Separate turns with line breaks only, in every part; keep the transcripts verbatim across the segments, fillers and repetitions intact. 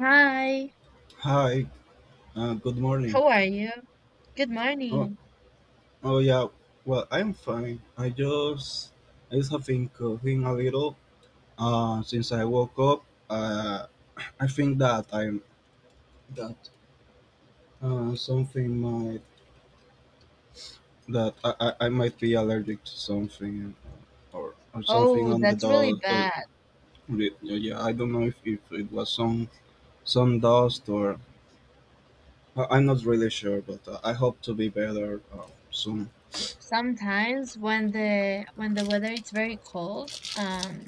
Hi,
Hi, uh, good morning.
how are you? Good
Oh,
morning.
oh yeah. Well, I'm fine. I just, I just have been coughing a little. Uh, since I woke up, uh, I think that I'm that uh, something might that I, I, I might be allergic to something or or something
Oh,
on the
that's really
dust. Or,
bad.
re- yeah, I don't know if, if it was some some dust or I- I'm not really sure, but uh, I hope to be better uh, soon.
Sometimes when the when the weather is very cold, um,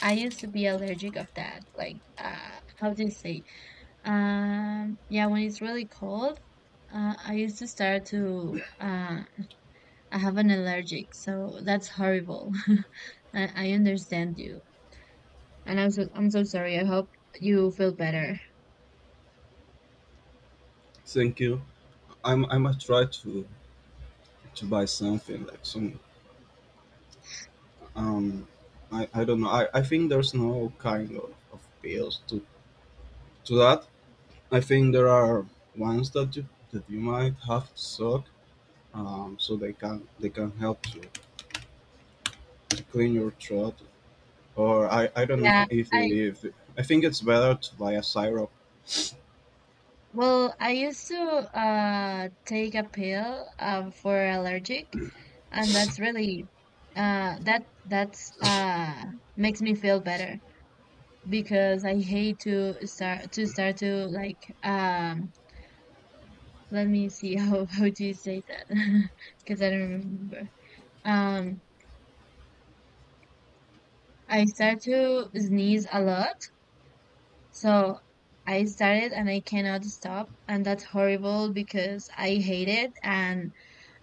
I used to be allergic of that. Like, uh, how do you say? Um, yeah, when it's really cold, uh, I used to start to uh, I have an allergic, so that's horrible. I, I understand you, and I'm so I'm so sorry. I hope you feel better.
Thank you. I'm I must try to. To buy something like some um i, I don't know I, I think there's no kind of, of pills to, to that. I think there are ones that you that you might have to suck, um so they can they can help you to clean your throat. Or i i don't know if,
Yeah,
if,
I.
if I think it's better to buy a syrup.
Well, I used to uh take a pill um for allergic and that's really uh that that's uh makes me feel better because I hate to start to start to like, um let me see how how do you say that because I don't remember. Um I start to sneeze a lot. So I started and I cannot stop and that's horrible because I hate it and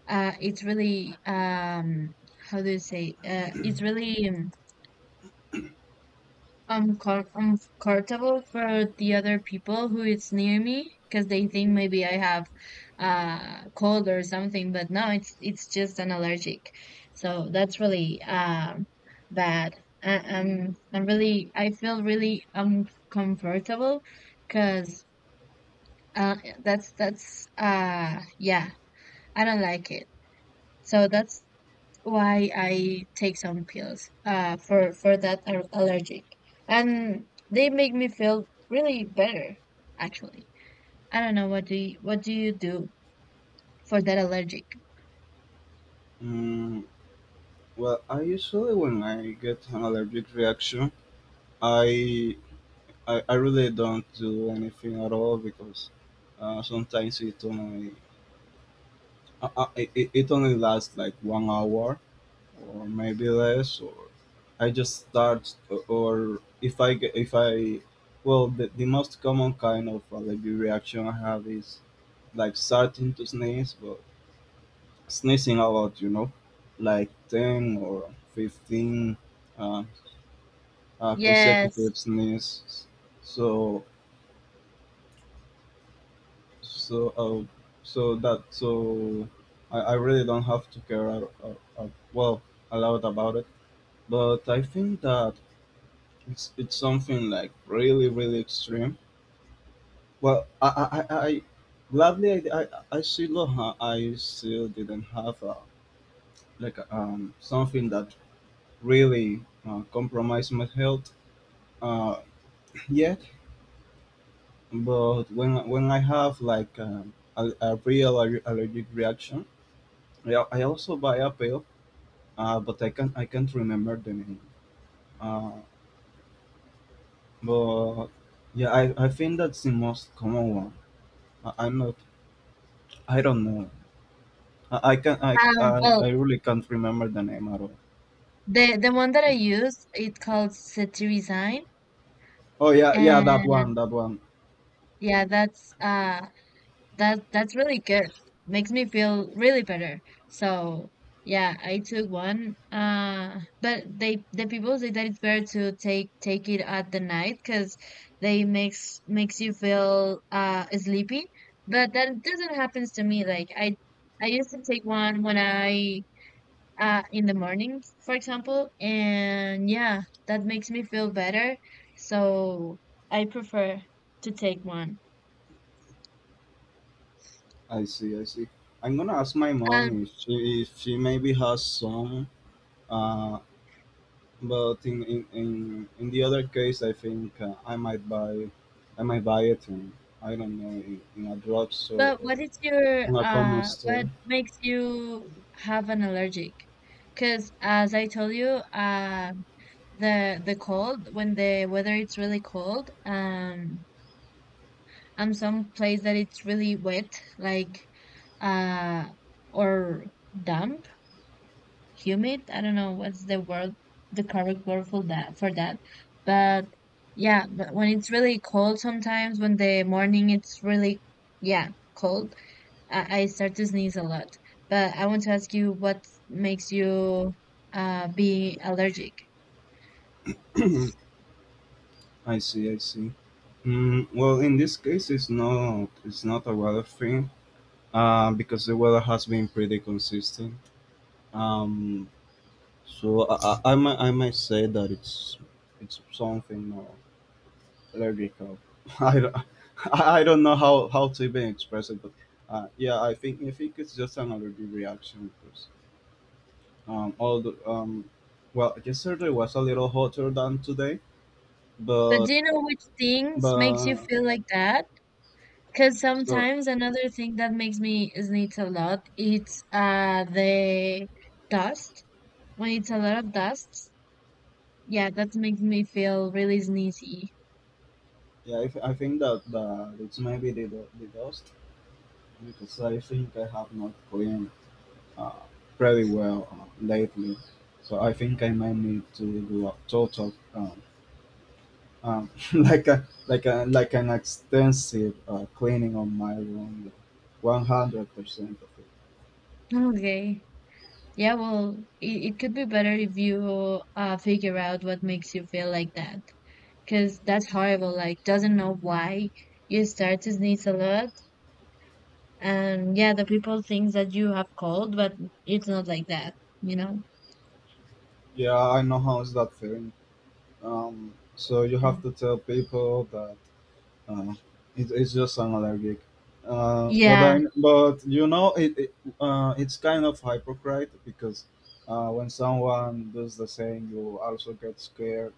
uh, it's really, um, how do you say? Uh, it's really, um, uncom- uncomfortable for the other people who is near me because they think maybe I have uh, cold or something, but no, it's it's just an allergic. So that's really, um, bad. I, I'm I'm really I feel really uncomfortable because, uh, that's that's uh yeah, I don't like it. So that's why I take some pills uh for for that al- allergic and they make me feel really better actually. I don't know what do you, what do you do for that allergic?
mm, well, I usually when I get an allergic reaction, i i, I really don't do anything at all, because uh, sometimes it only Uh, uh, it, it it only lasts like one hour or maybe less. Or I just start or if I get if I well, the, the most common kind of allergy reaction I have is like starting to sneeze, but sneezing a lot, you know, like ten or fifteen uh, uh,
Yes.
consecutive sneezes. So so uh, so that so I, I really don't have to care uh, uh, uh, well, a lot about it. But I think that it's it's something like really really extreme. Well, I I, I I- gladly I, I I still ha- I still didn't have a, like um something that really uh, compromised my health, uh, yet. But when when I have like um, a, a real aller- allergic reaction, I, I also buy a pill, uh, but I can't I can't remember the name. Uh, but Yeah, I, I think that's the most common one. I, I'm not. I don't know. I, I can I,
um
I
well,
I really can't remember the name at all.
the the one that I use it called cetirizine.
Oh yeah, yeah, that one,
And
that one.
yeah, that's uh That that's really good. Makes me feel really better. So yeah, I took one. Uh, but they the people say that it's better to take take it at the night because they makes makes you feel uh sleepy. But that doesn't happen to me. Like I I used to take one when I uh in the morning, for example, and yeah, that makes me feel better. So I prefer to take one.
I see, I see. I'm gonna ask my
Um,
mom if she if she maybe has some. Uh, but in in in, in the other case, I think uh, I might buy, I might buy it in. I don't know, in, in a drugstore
But
or
what is your
on a common
uh
store.
what makes you have an allergic? Because as I told you, uh the the cold, when the weather it's really cold, um and some place that it's really wet, like, uh or damp, humid, I don't know what's the word the correct word for that for that. But yeah, but when it's really cold, sometimes when the morning it's really, yeah, cold, I, I start to sneeze a lot, but I want to ask you what makes you, uh, be allergic.
I see, I see. Mm, well, in this case, it's not it's not a weather thing. Uh, because the weather has been pretty consistent. Um, so I, I, I might I might say that it's it's something more lyrical. I don't, I I don't know how, how to even express it, but uh, yeah, I think I think it's just an allergy reaction because um although um well, yesterday was a little hotter than today,
But
but
do you know which things makes you
but
feel like that? Because
so
sometimes another thing that makes me sneeze a lot it's uh the dust. When it's a lot of dust, yeah, that makes me feel really sneezy.
yeah, I, th- I think that that it's maybe the the dust, because I think I have not cleaned uh, pretty well uh, lately. So I think I might need to do a total, um, um, like a like a like an extensive uh, cleaning on my room, one hundred percent of it.
Okay. Yeah, well, it, it could be better if you uh figure out what makes you feel like that. Because that's horrible. Like, doesn't know why you start to sneeze a lot. And yeah, the people think that you have cold, but it's not like that, you know?
Yeah, I know how is that feeling. Um, so you
Yeah.
have to tell people that uh, it, it's just an allergic. Uh, but
Yeah.
I but you know it, it uh, it's kind of hypocrite because uh, when someone does the same, you also get scared.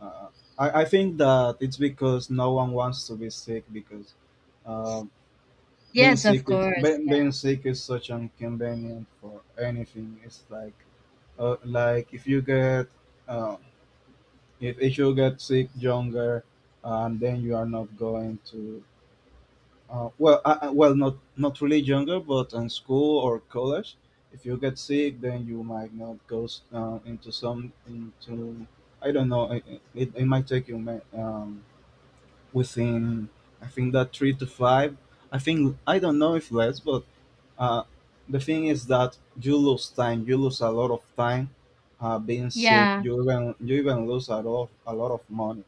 Uh, I, I think that it's because no one wants to be sick, because uh, being
Yes,
sick
of
is
course.
being, being sick is such inconvenient for anything. It's like uh, like if you get uh, if, if you get sick younger, uh, and then you are not going to uh, well uh, uh, well, not not really younger but in school or college. If you get sick, then you might not go s- uh, into some into. I don't know. It, it, it might take you ma- um, within, I think, that three to five. I think. I don't know if less, but uh, the thing is that you lose time. You lose a lot of time uh, being sick.
Yeah.
You even you even lose a lot of, a lot of money.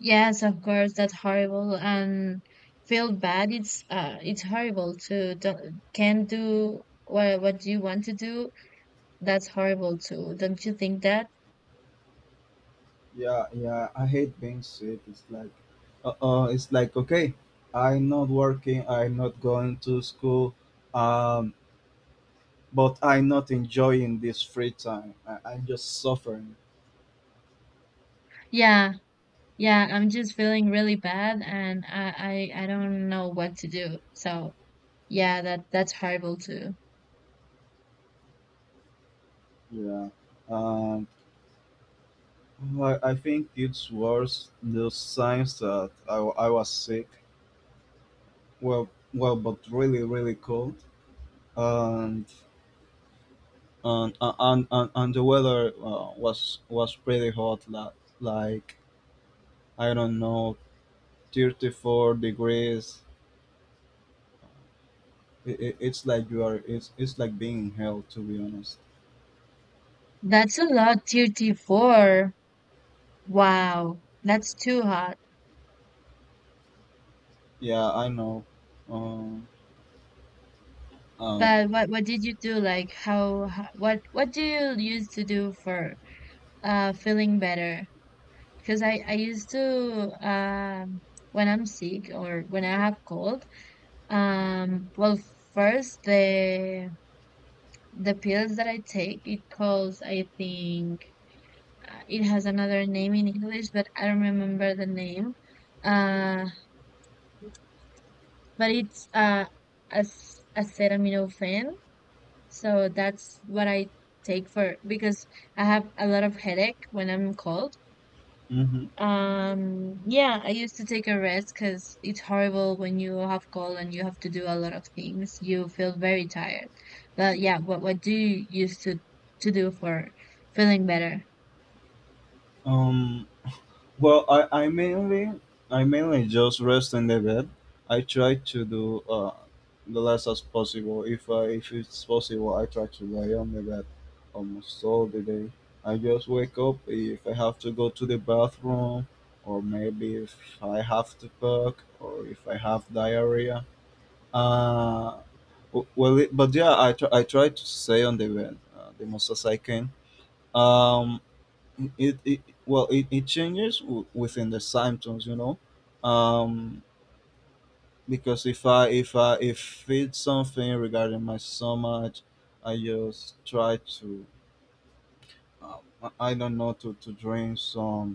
Yes, of course. That's horrible. And feel bad. It's uh, it's horrible to do- can't do what what you want to do. That's horrible too. Don't you think that?
Yeah, yeah. I hate being sick. It's like, uh, uh it's like okay, I'm not working. I'm not going to school. Um, but I'm not enjoying this free time. I, I'm just suffering.
Yeah. Yeah, I'm just feeling really bad and I, I I don't know what to do. So yeah, that that's horrible too.
Yeah. Um, I, I think it's worse the signs that I, wa- I was sick. Well, well, but really, really cold, and and and and, and the weather uh, was was pretty hot. la- Like I don't know, thirty four degrees. It, it, it's like you are. It's it's like being in hell, to be honest.
That's a lot, thirty four. Wow, that's too hot.
Yeah, I know. Um. Um.
But what what did you do? Like, how, how what what do you used to do for uh feeling better? Because I I used to, um when I'm sick or when I have cold. Um, well, first the the pills that I take it calls, I think, uh, it has another name in English, but I don't remember the name. Uh. But it's, uh, as acetaminophen. So that's what I take for, because I have a lot of headache when I'm cold.
Hmm.
Um, yeah, I used to take a rest because it's horrible when you have cold and you have to do a lot of things. You feel very tired. But yeah, what what do you used to to do for feeling better?
Um. Well, I, I mainly I mainly just rest in the bed. I try to do uh, the less as possible. If I, if it's possible, I try to lay on the bed almost all the day. I just wake up if I have to go to the bathroom, or maybe if I have to cook, or if I have diarrhea. Uh, w- well, it, but yeah, I try, I try to stay on the bed uh, the most as I can. Um, it, it well it, it changes w- within the symptoms, you know. um because if i if i if it's something regarding my stomach, I just try to, um, i I don't know, to to drink some.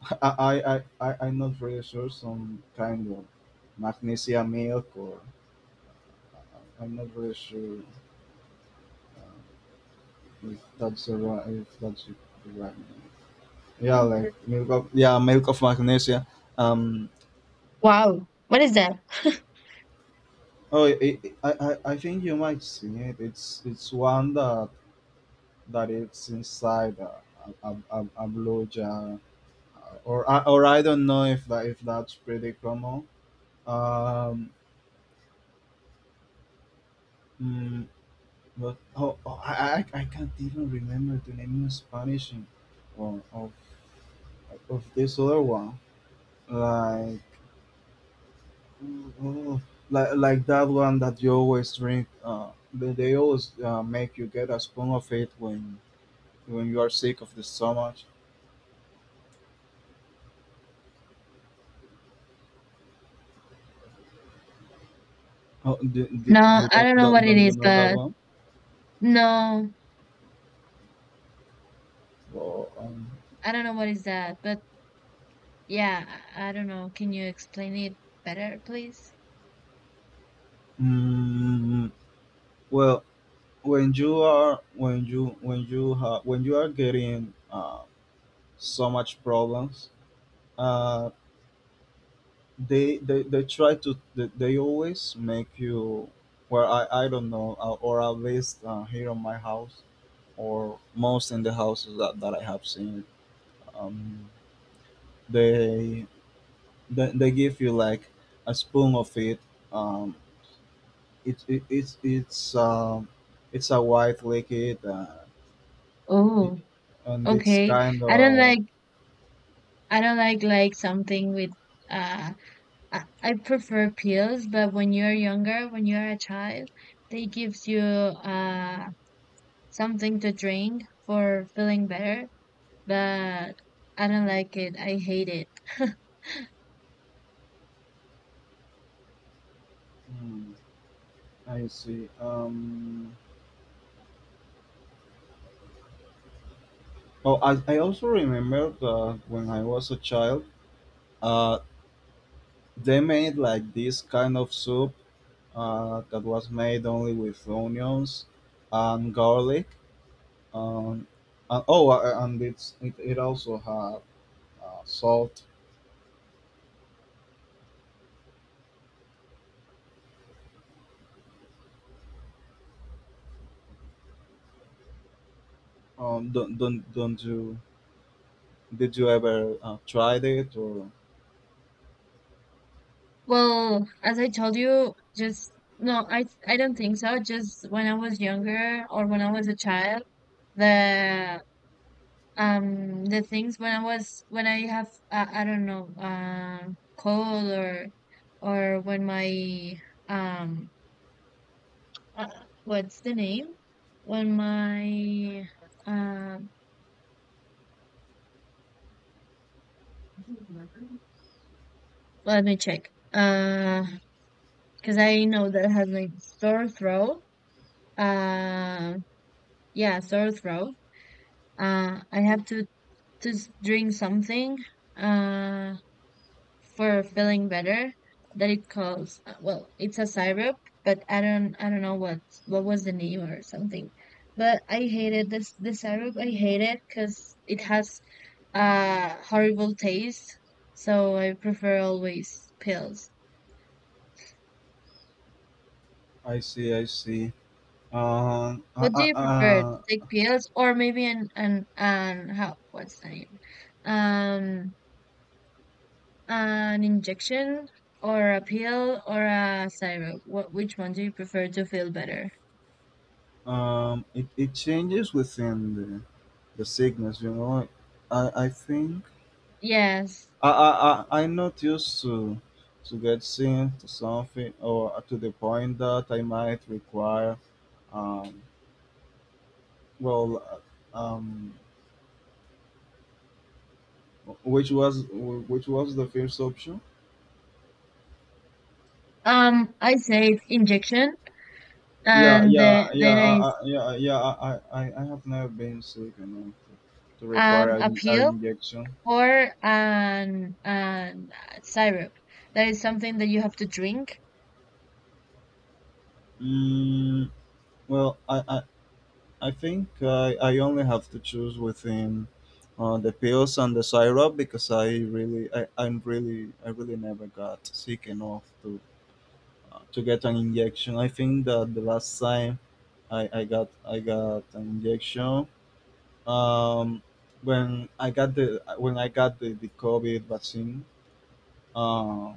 i i i, I I'm not really sure. Some kind of magnesium milk or. I- I'm not really sure uh, if that's the right if that's the right name. Yeah, like milk of, yeah, milk of magnesia. Um.
Wow, what is that?
Oh, it, it, I, I I think you might see it. It's it's one that that it's inside a a, a, a blue jar, uh, or I- or I don't know if that if that's pretty common. Um, mm, but oh, oh, I, I I can't even remember the name in Spanish in- or of of this other one. Like oh, like like that one that you always drink. Uh, they, they always uh, make you get a spoon of it when when you are sick of this so much. Oh, do, do, do
No,
you
I
don't,
don't know
don't,
what it
don't you
is,
know that
but
one?
no,
So, um,
I don't know what is that. But yeah, I, I don't know. Can you explain it better, please?
Mm, well, when you are when you when you ha- when you are getting uh, so much problems, uh, they, they they try to they, they always make you. Well, I, I don't know, uh, or at least uh, here on my house or most in the houses that, that I have seen, um, they they, they give you like a spoon of it. Um, it, it it's it's um, it's a white liquid, uh, it,
Oh,
and it's
okay.
kind
I don't
of.
like I don't like like, something with, uh I, I prefer pills, but when you're younger, when you're a child, they gives you uh something to drink for feeling better, but I don't like it. I hate it.
Hmm, I see. Um, oh, I, I also remember that when I was a child, uh, they made like this kind of soup uh, that was made only with onions and garlic. Um, and, oh, uh, and it's it, it also had uh, salt. Um, don't don't don't you, did you ever uh, tried it or.
Well, as I told you, just no, I I don't think so. Just when I was younger or when I was a child, the um the things, when I was when I have, uh, I don't know, um cold, or or when my, um uh, what's the name, when my, um let me check, uh because I know that I have like sore throat, uh yeah, sore throat, uh I have to to s- drink something, uh for feeling better, that it calls, uh, well it's a syrup, but i don't i don't know what what was the name or something, but I hated this, the syrup. I hate it because it has a horrible taste, so I prefer always pills.
I see, I see. Uh,
What
uh,
do you prefer
uh,
to take, pills or maybe an an an how, what's the name, um an injection or a pill or a syrup, what which one do you prefer to feel better?
uh, um, it, it changes within the, the sickness, you know. I I think
Yes.
I I I I'm not used to to get seen to something, or to the point that I might require, um well uh, um which was which was the first option.
Um, I say injection,
Yeah,
and
yeah,
the,
yeah,
then
I,
I, s-
I, yeah, yeah. I, I, I I have never been sick enough to, to require
um
an, an
appeal
injection.
or an an syrup. That is something that you have to drink.
Mm, well, I, I, I think I, I only have to choose within uh, the pills and the syrup, because I really, I, I'm really, I really never got sick enough to, uh, to get an injection. I think that the last time I, I got, I got an injection. Um, when I got the when I got the, the COVID vaccine, uh,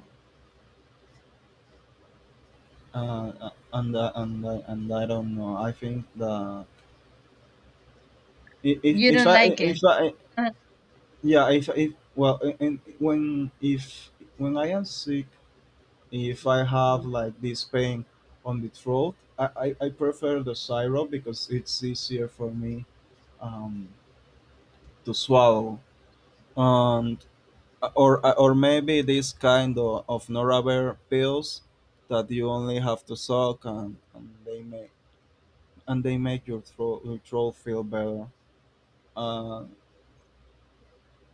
uh, and uh, and uh, and I don't know. I think the I- if
You
if
don't
I
like
if
it.
I
Uh,
yeah, if if well, and in, when if when I am sick, if I have like this pain on the throat, I I, I prefer the syrup because it's easier for me um to swallow and. uh, Or, uh, or maybe this kind of, of Noravir pills that you only have to suck, and, and they may and they make your throw, your throw feel better. Uh,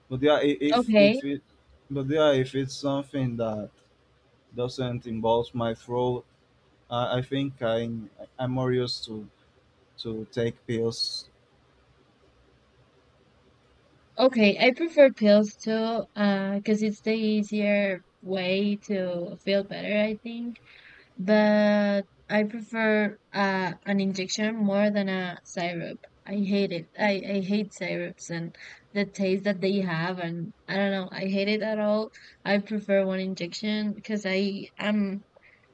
but yeah, i- if
okay,
if it, but yeah, if it's something that doesn't involve my throat, I I think I I'm more used to to take pills.
okay. I prefer pills too, uh, because it's the easier way to feel better, I think. But I prefer, uh, an injection more than a syrup. I hate it. I, I hate syrups and the taste that they have, and I don't know. I hate it at all. I prefer one injection because I am.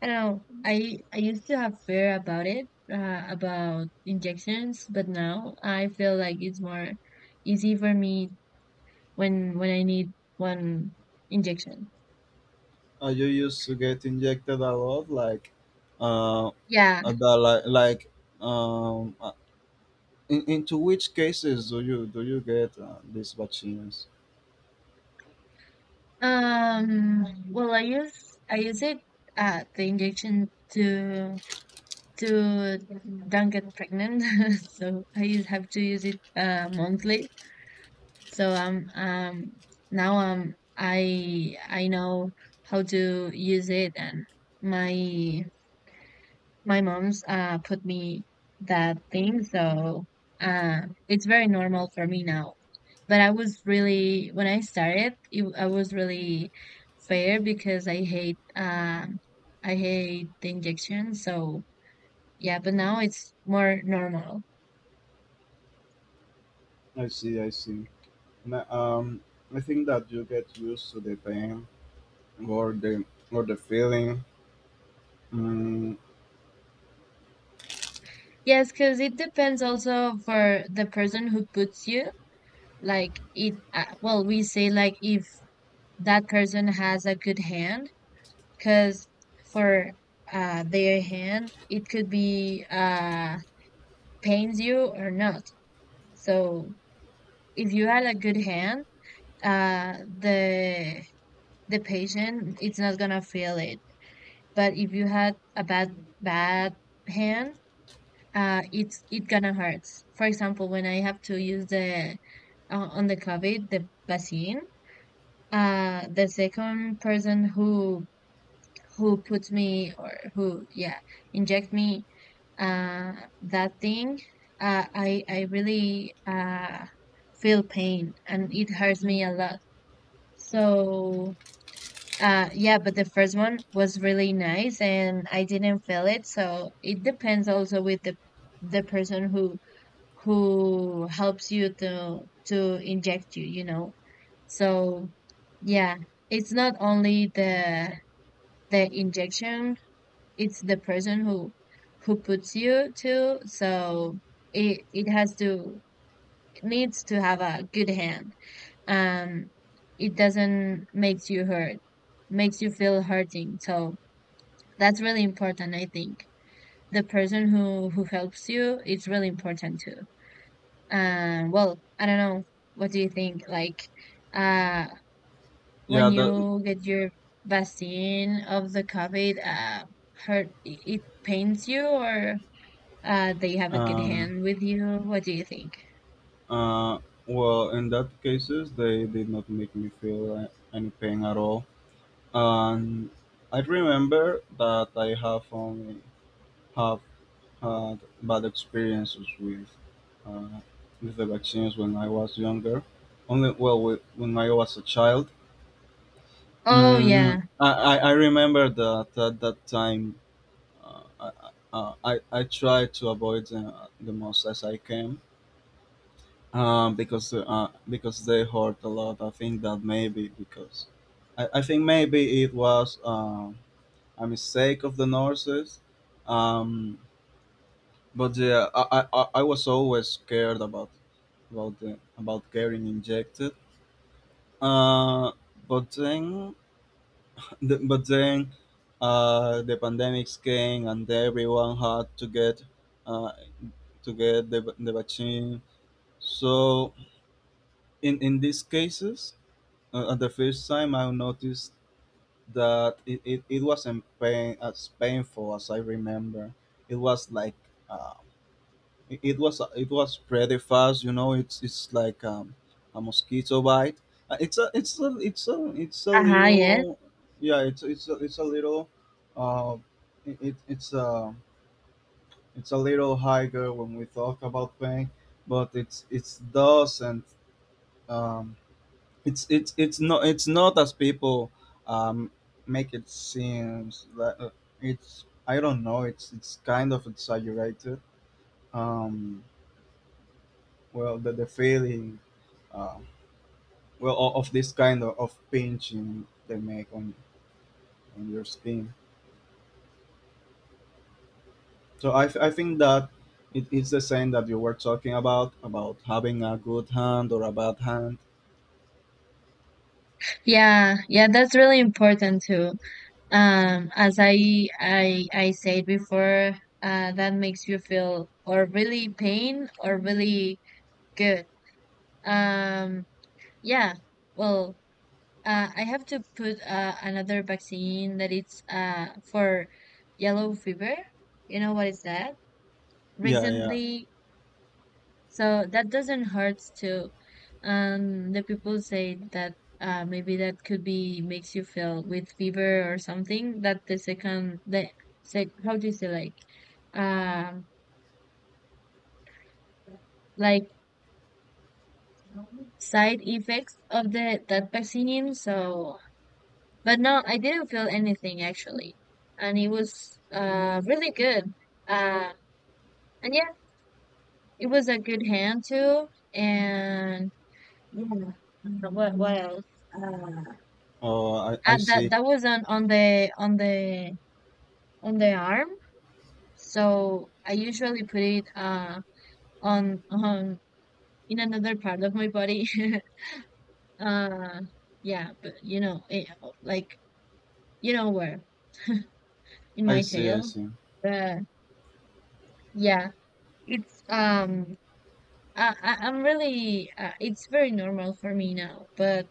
I don't know. I I used to have fear about it, uh, about injections, but now I feel like it's more easy for me when when I need one injection.
Are you used to get injected a lot, like uh,
Yeah.
the, like like um. uh, in, into which cases do you do you get uh, these vaccines?
Um, well, I use I use it uh the injection to, to don't get pregnant, so, I use, have to use it uh monthly. So, um um now, um I I know how to use it and my my mom's uh put me that thing, so uh it's very normal for me now. But I was really, when I started, it, I was really fair because I hate uh I hate the injection. So yeah, but now it's more normal.
I see, I see. Ma- Um, I think that you get used to the pain or the or the feeling. Mm,
Yes, because it depends also for the person who puts you. Like it, uh, well, we say like, if that person has a good hand. Because for, uh, their hand, it could be, uh, pains you or not. So if you had a good hand, uh, the the patient it's not gonna feel it. But if you had a bad bad hand, uh, it's it gonna hurt. For example, when I have to use the uh, on the COVID the vaccine, uh, the second person who who puts me, or who yeah inject me, uh, that thing, uh, I I really, uh, feel pain and it hurts me a lot. So, uh, yeah, but the first one was really nice and I didn't feel it. So it depends also with the the person who who helps you to to inject you, you know. So yeah, it's not only the the injection. It's the person who who puts you, to so it it has to it needs to have a good hand. um it doesn't makes you hurt, makes you feel hurting, so that's really important. I think the person who who helps you it's really important too. Um well, I don't know what do you think, like, uh
yeah,
when
that
you get your vaccine of the COVID, uh hurt, it it pains you or, Uh, they have a good
um
hand with you. What do you think?
uh well in that cases they did not make me feel a- any pain at all. And I remember that I have only have had bad experiences with uh, with the vaccines when I was younger. Only, well, with, when I was a child.
Oh
Mm,
yeah.
I, I I remember that at that time, uh, I, uh, I I try to avoid them the most as I can, um, because uh, because they hurt a lot. I think that maybe because I, I think maybe it was um a mistake of the nurses, um, but yeah, I, I, I I was always scared about about the, about getting injected. Uh, but then, the, but then uh, the pandemics came and everyone had to get uh, to get the, the vaccine. So in, in these cases, uh, at the first time I noticed that it, it, it wasn't pain, as painful as I remember. It was like, uh, it, it was it was pretty fast. You know, it's it's like, um, a mosquito bite. Uh, It's a it's a it's a it's a
Uh-huh, yes.
little. Yeah. It's it's a, it's a little uh, it, it it's a it's a little higher when we talk about pain, but it's it doesn't, um it's it's it's not it's not as people um make it seems that, uh, it's I don't know, it's it's kind of exaggerated. um well, the, the feeling, uh, well, o- of this kind of, of pinching they make on on your skin. So i, I think that it is the same that you were talking about about having a good hand or a bad hand.
Yeah, yeah, that's really important too. Um, as I I I said before, uh, that makes you feel or really pain or really good. Um, yeah. Well, uh, I have to put, uh, another vaccine that it's uh for yellow fever. You know what is that?
Yeah, yeah.
Recently, so that doesn't hurt too. Um, the people say that, uh, maybe that could be makes you feel with fever or something. That the second the, sec how do you say, like, um like side effects of the that vaccine. So, but no, I didn't feel anything actually, and it was uh really good. Uh, and yeah, it was a good hand too. And yeah, uh, what what else? Uh,
Oh, i, I
Uh, that
see.
that was on on the on the on the arm. So I usually put it uh on on in another part of my body. uh yeah, but you know, eh, like, you know where, in
I
my
see. I
tail.
see.
But yeah, it's, um I, I I'm really uh, it's very normal for me now, but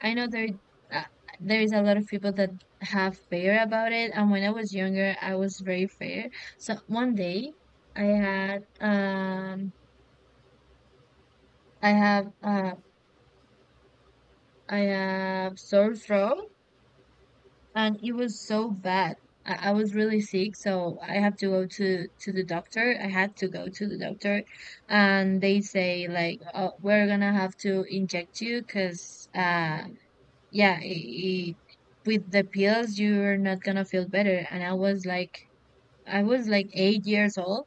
I know there, uh, there is a lot of people that have fear about it, and when I was younger, I was very fair. So one day, I had um I have uh I have sore throat, and it was so bad. I, I was really sick, so I have to go to to the doctor. I had to go to the doctor, and they say like, oh, we're gonna have to inject you because, uh yeah, i i with the pills, you're not gonna feel better. And I was like, I was like eight years old,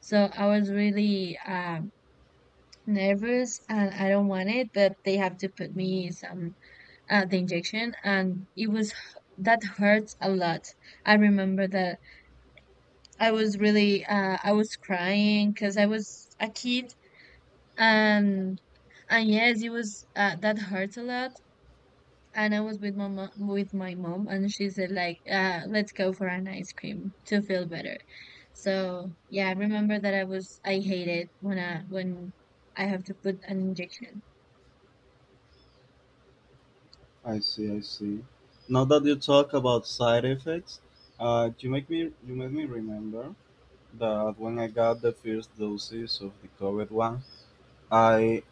so I was really, um, nervous, and I don't want it. But they have to put me some, uh, the injection, and it was that hurts a lot. I remember that, I was really uh, I was crying because I was a kid, and and yes, it was, uh, that hurts a lot, and I was with my mom, with my mom, and she said like, uh, "Let's go for an ice cream to feel better." So yeah, I remember that I was I hate it when I when I have to put an injection.
I see, I see. Now that you talk about side effects, uh, you make me you make me remember that when I got the first doses of the COVID one, I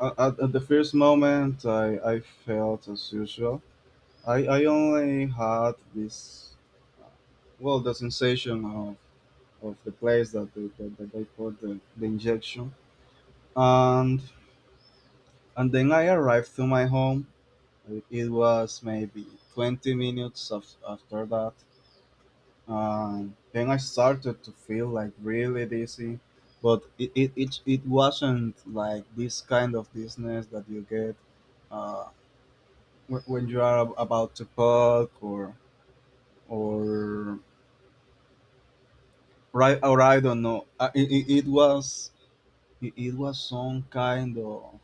at, at at the first moment, I, I felt as usual. I, I only had this, well, the sensation of, of the place that they, that, that they put the, the injection, and and then I arrived to my home. It was maybe twenty minutes af- after that. Um, then I started to feel like really dizzy, but it, it, it, it wasn't like this kind of dizziness that you get, uh, wh- when you are ab- about to puck or or right, or I don't know. Uh, It, it, it was it, it was some kind of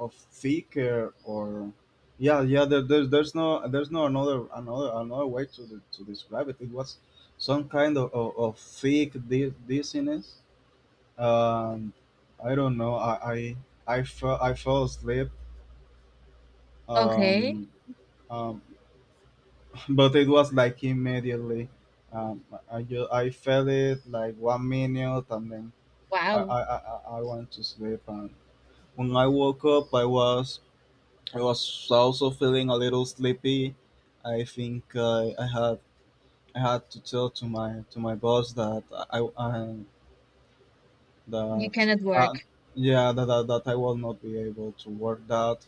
of thicker, or yeah, yeah, there, there's there's no there's no another another another way to de- to describe it. It was some kind of, of, of thick di- dizziness. Um, I don't know. I I I fell I fell asleep.
Okay,
Um, um, but it was like immediately. Um, I just, I felt it like one minute, and then I
wow,
I, I, I I went to sleep. And when I woke up, I was I was also feeling a little sleepy. I think I, I had I had to tell to my to my boss that I I
you
that
cannot work.
uh, yeah, that, that, that I will not be able to work that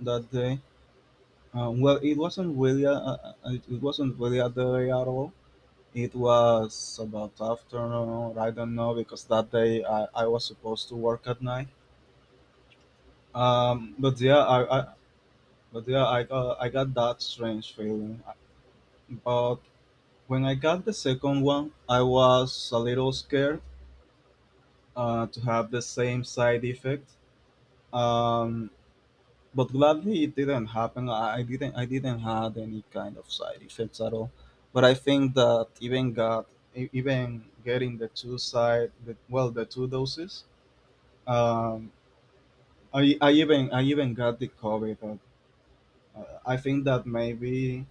that day. Um, well, it wasn't really a, a- a- it wasn't really a day at all. It was about afternoon. I don't know, because that day I, I was supposed to work at night. Um, but yeah, I, I but yeah I got I got that strange feeling. But when I got the second one, I was a little scared, uh, to have the same side effect. Um, But gladly it didn't happen. I I didn't I didn't had any kind of side effects at all. But I think that even got e- even getting the two side the, well the two doses. Um, I, I even I even got the COVID. Uh, I think that maybe,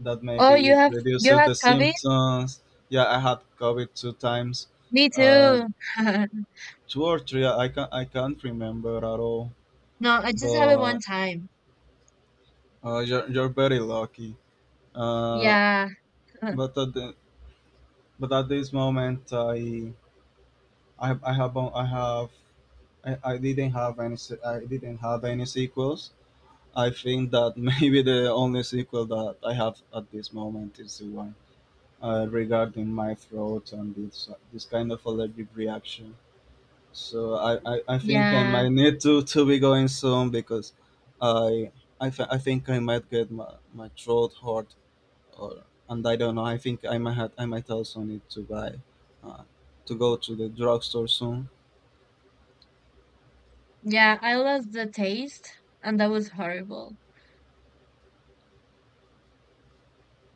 that
Oh,
maybe
you
it
have
reduced
you had
the
COVID?
symptoms. Yeah, I had COVID two times,
Me
uh,
too.
two or three. I can I can't remember at all.
No, I just have it one
But,
time.
uh, you're you're very lucky. Uh,
Yeah,
but at the, but at this moment, i i, have- I have i have I, I didn't have any se- I didn't have any sequels. I think that maybe the only sequel that i have at this moment is the one, uh, regarding my throat and this this kind of allergic reaction. So I, I, I think i
yeah,
might need to, to be going soon, because i i, th- I think i might get my, my throat hurt, or and I don't know. I think I might have, I might also need to buy uh, to go to the drugstore soon.
yeah. I lost the taste, and that was horrible.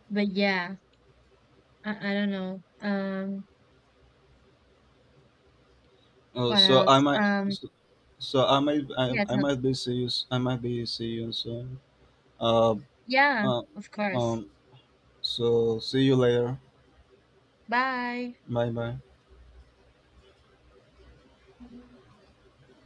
But yeah, I, I don't know. Um,
Uh,
what
so I
else?
might
Um
so, so I might I,
Yeah,
I
tell,
might be see you s- I might be see you soon. Uh,
yeah,
uh,
of course.
um. So see you later.
Bye.
Bye bye.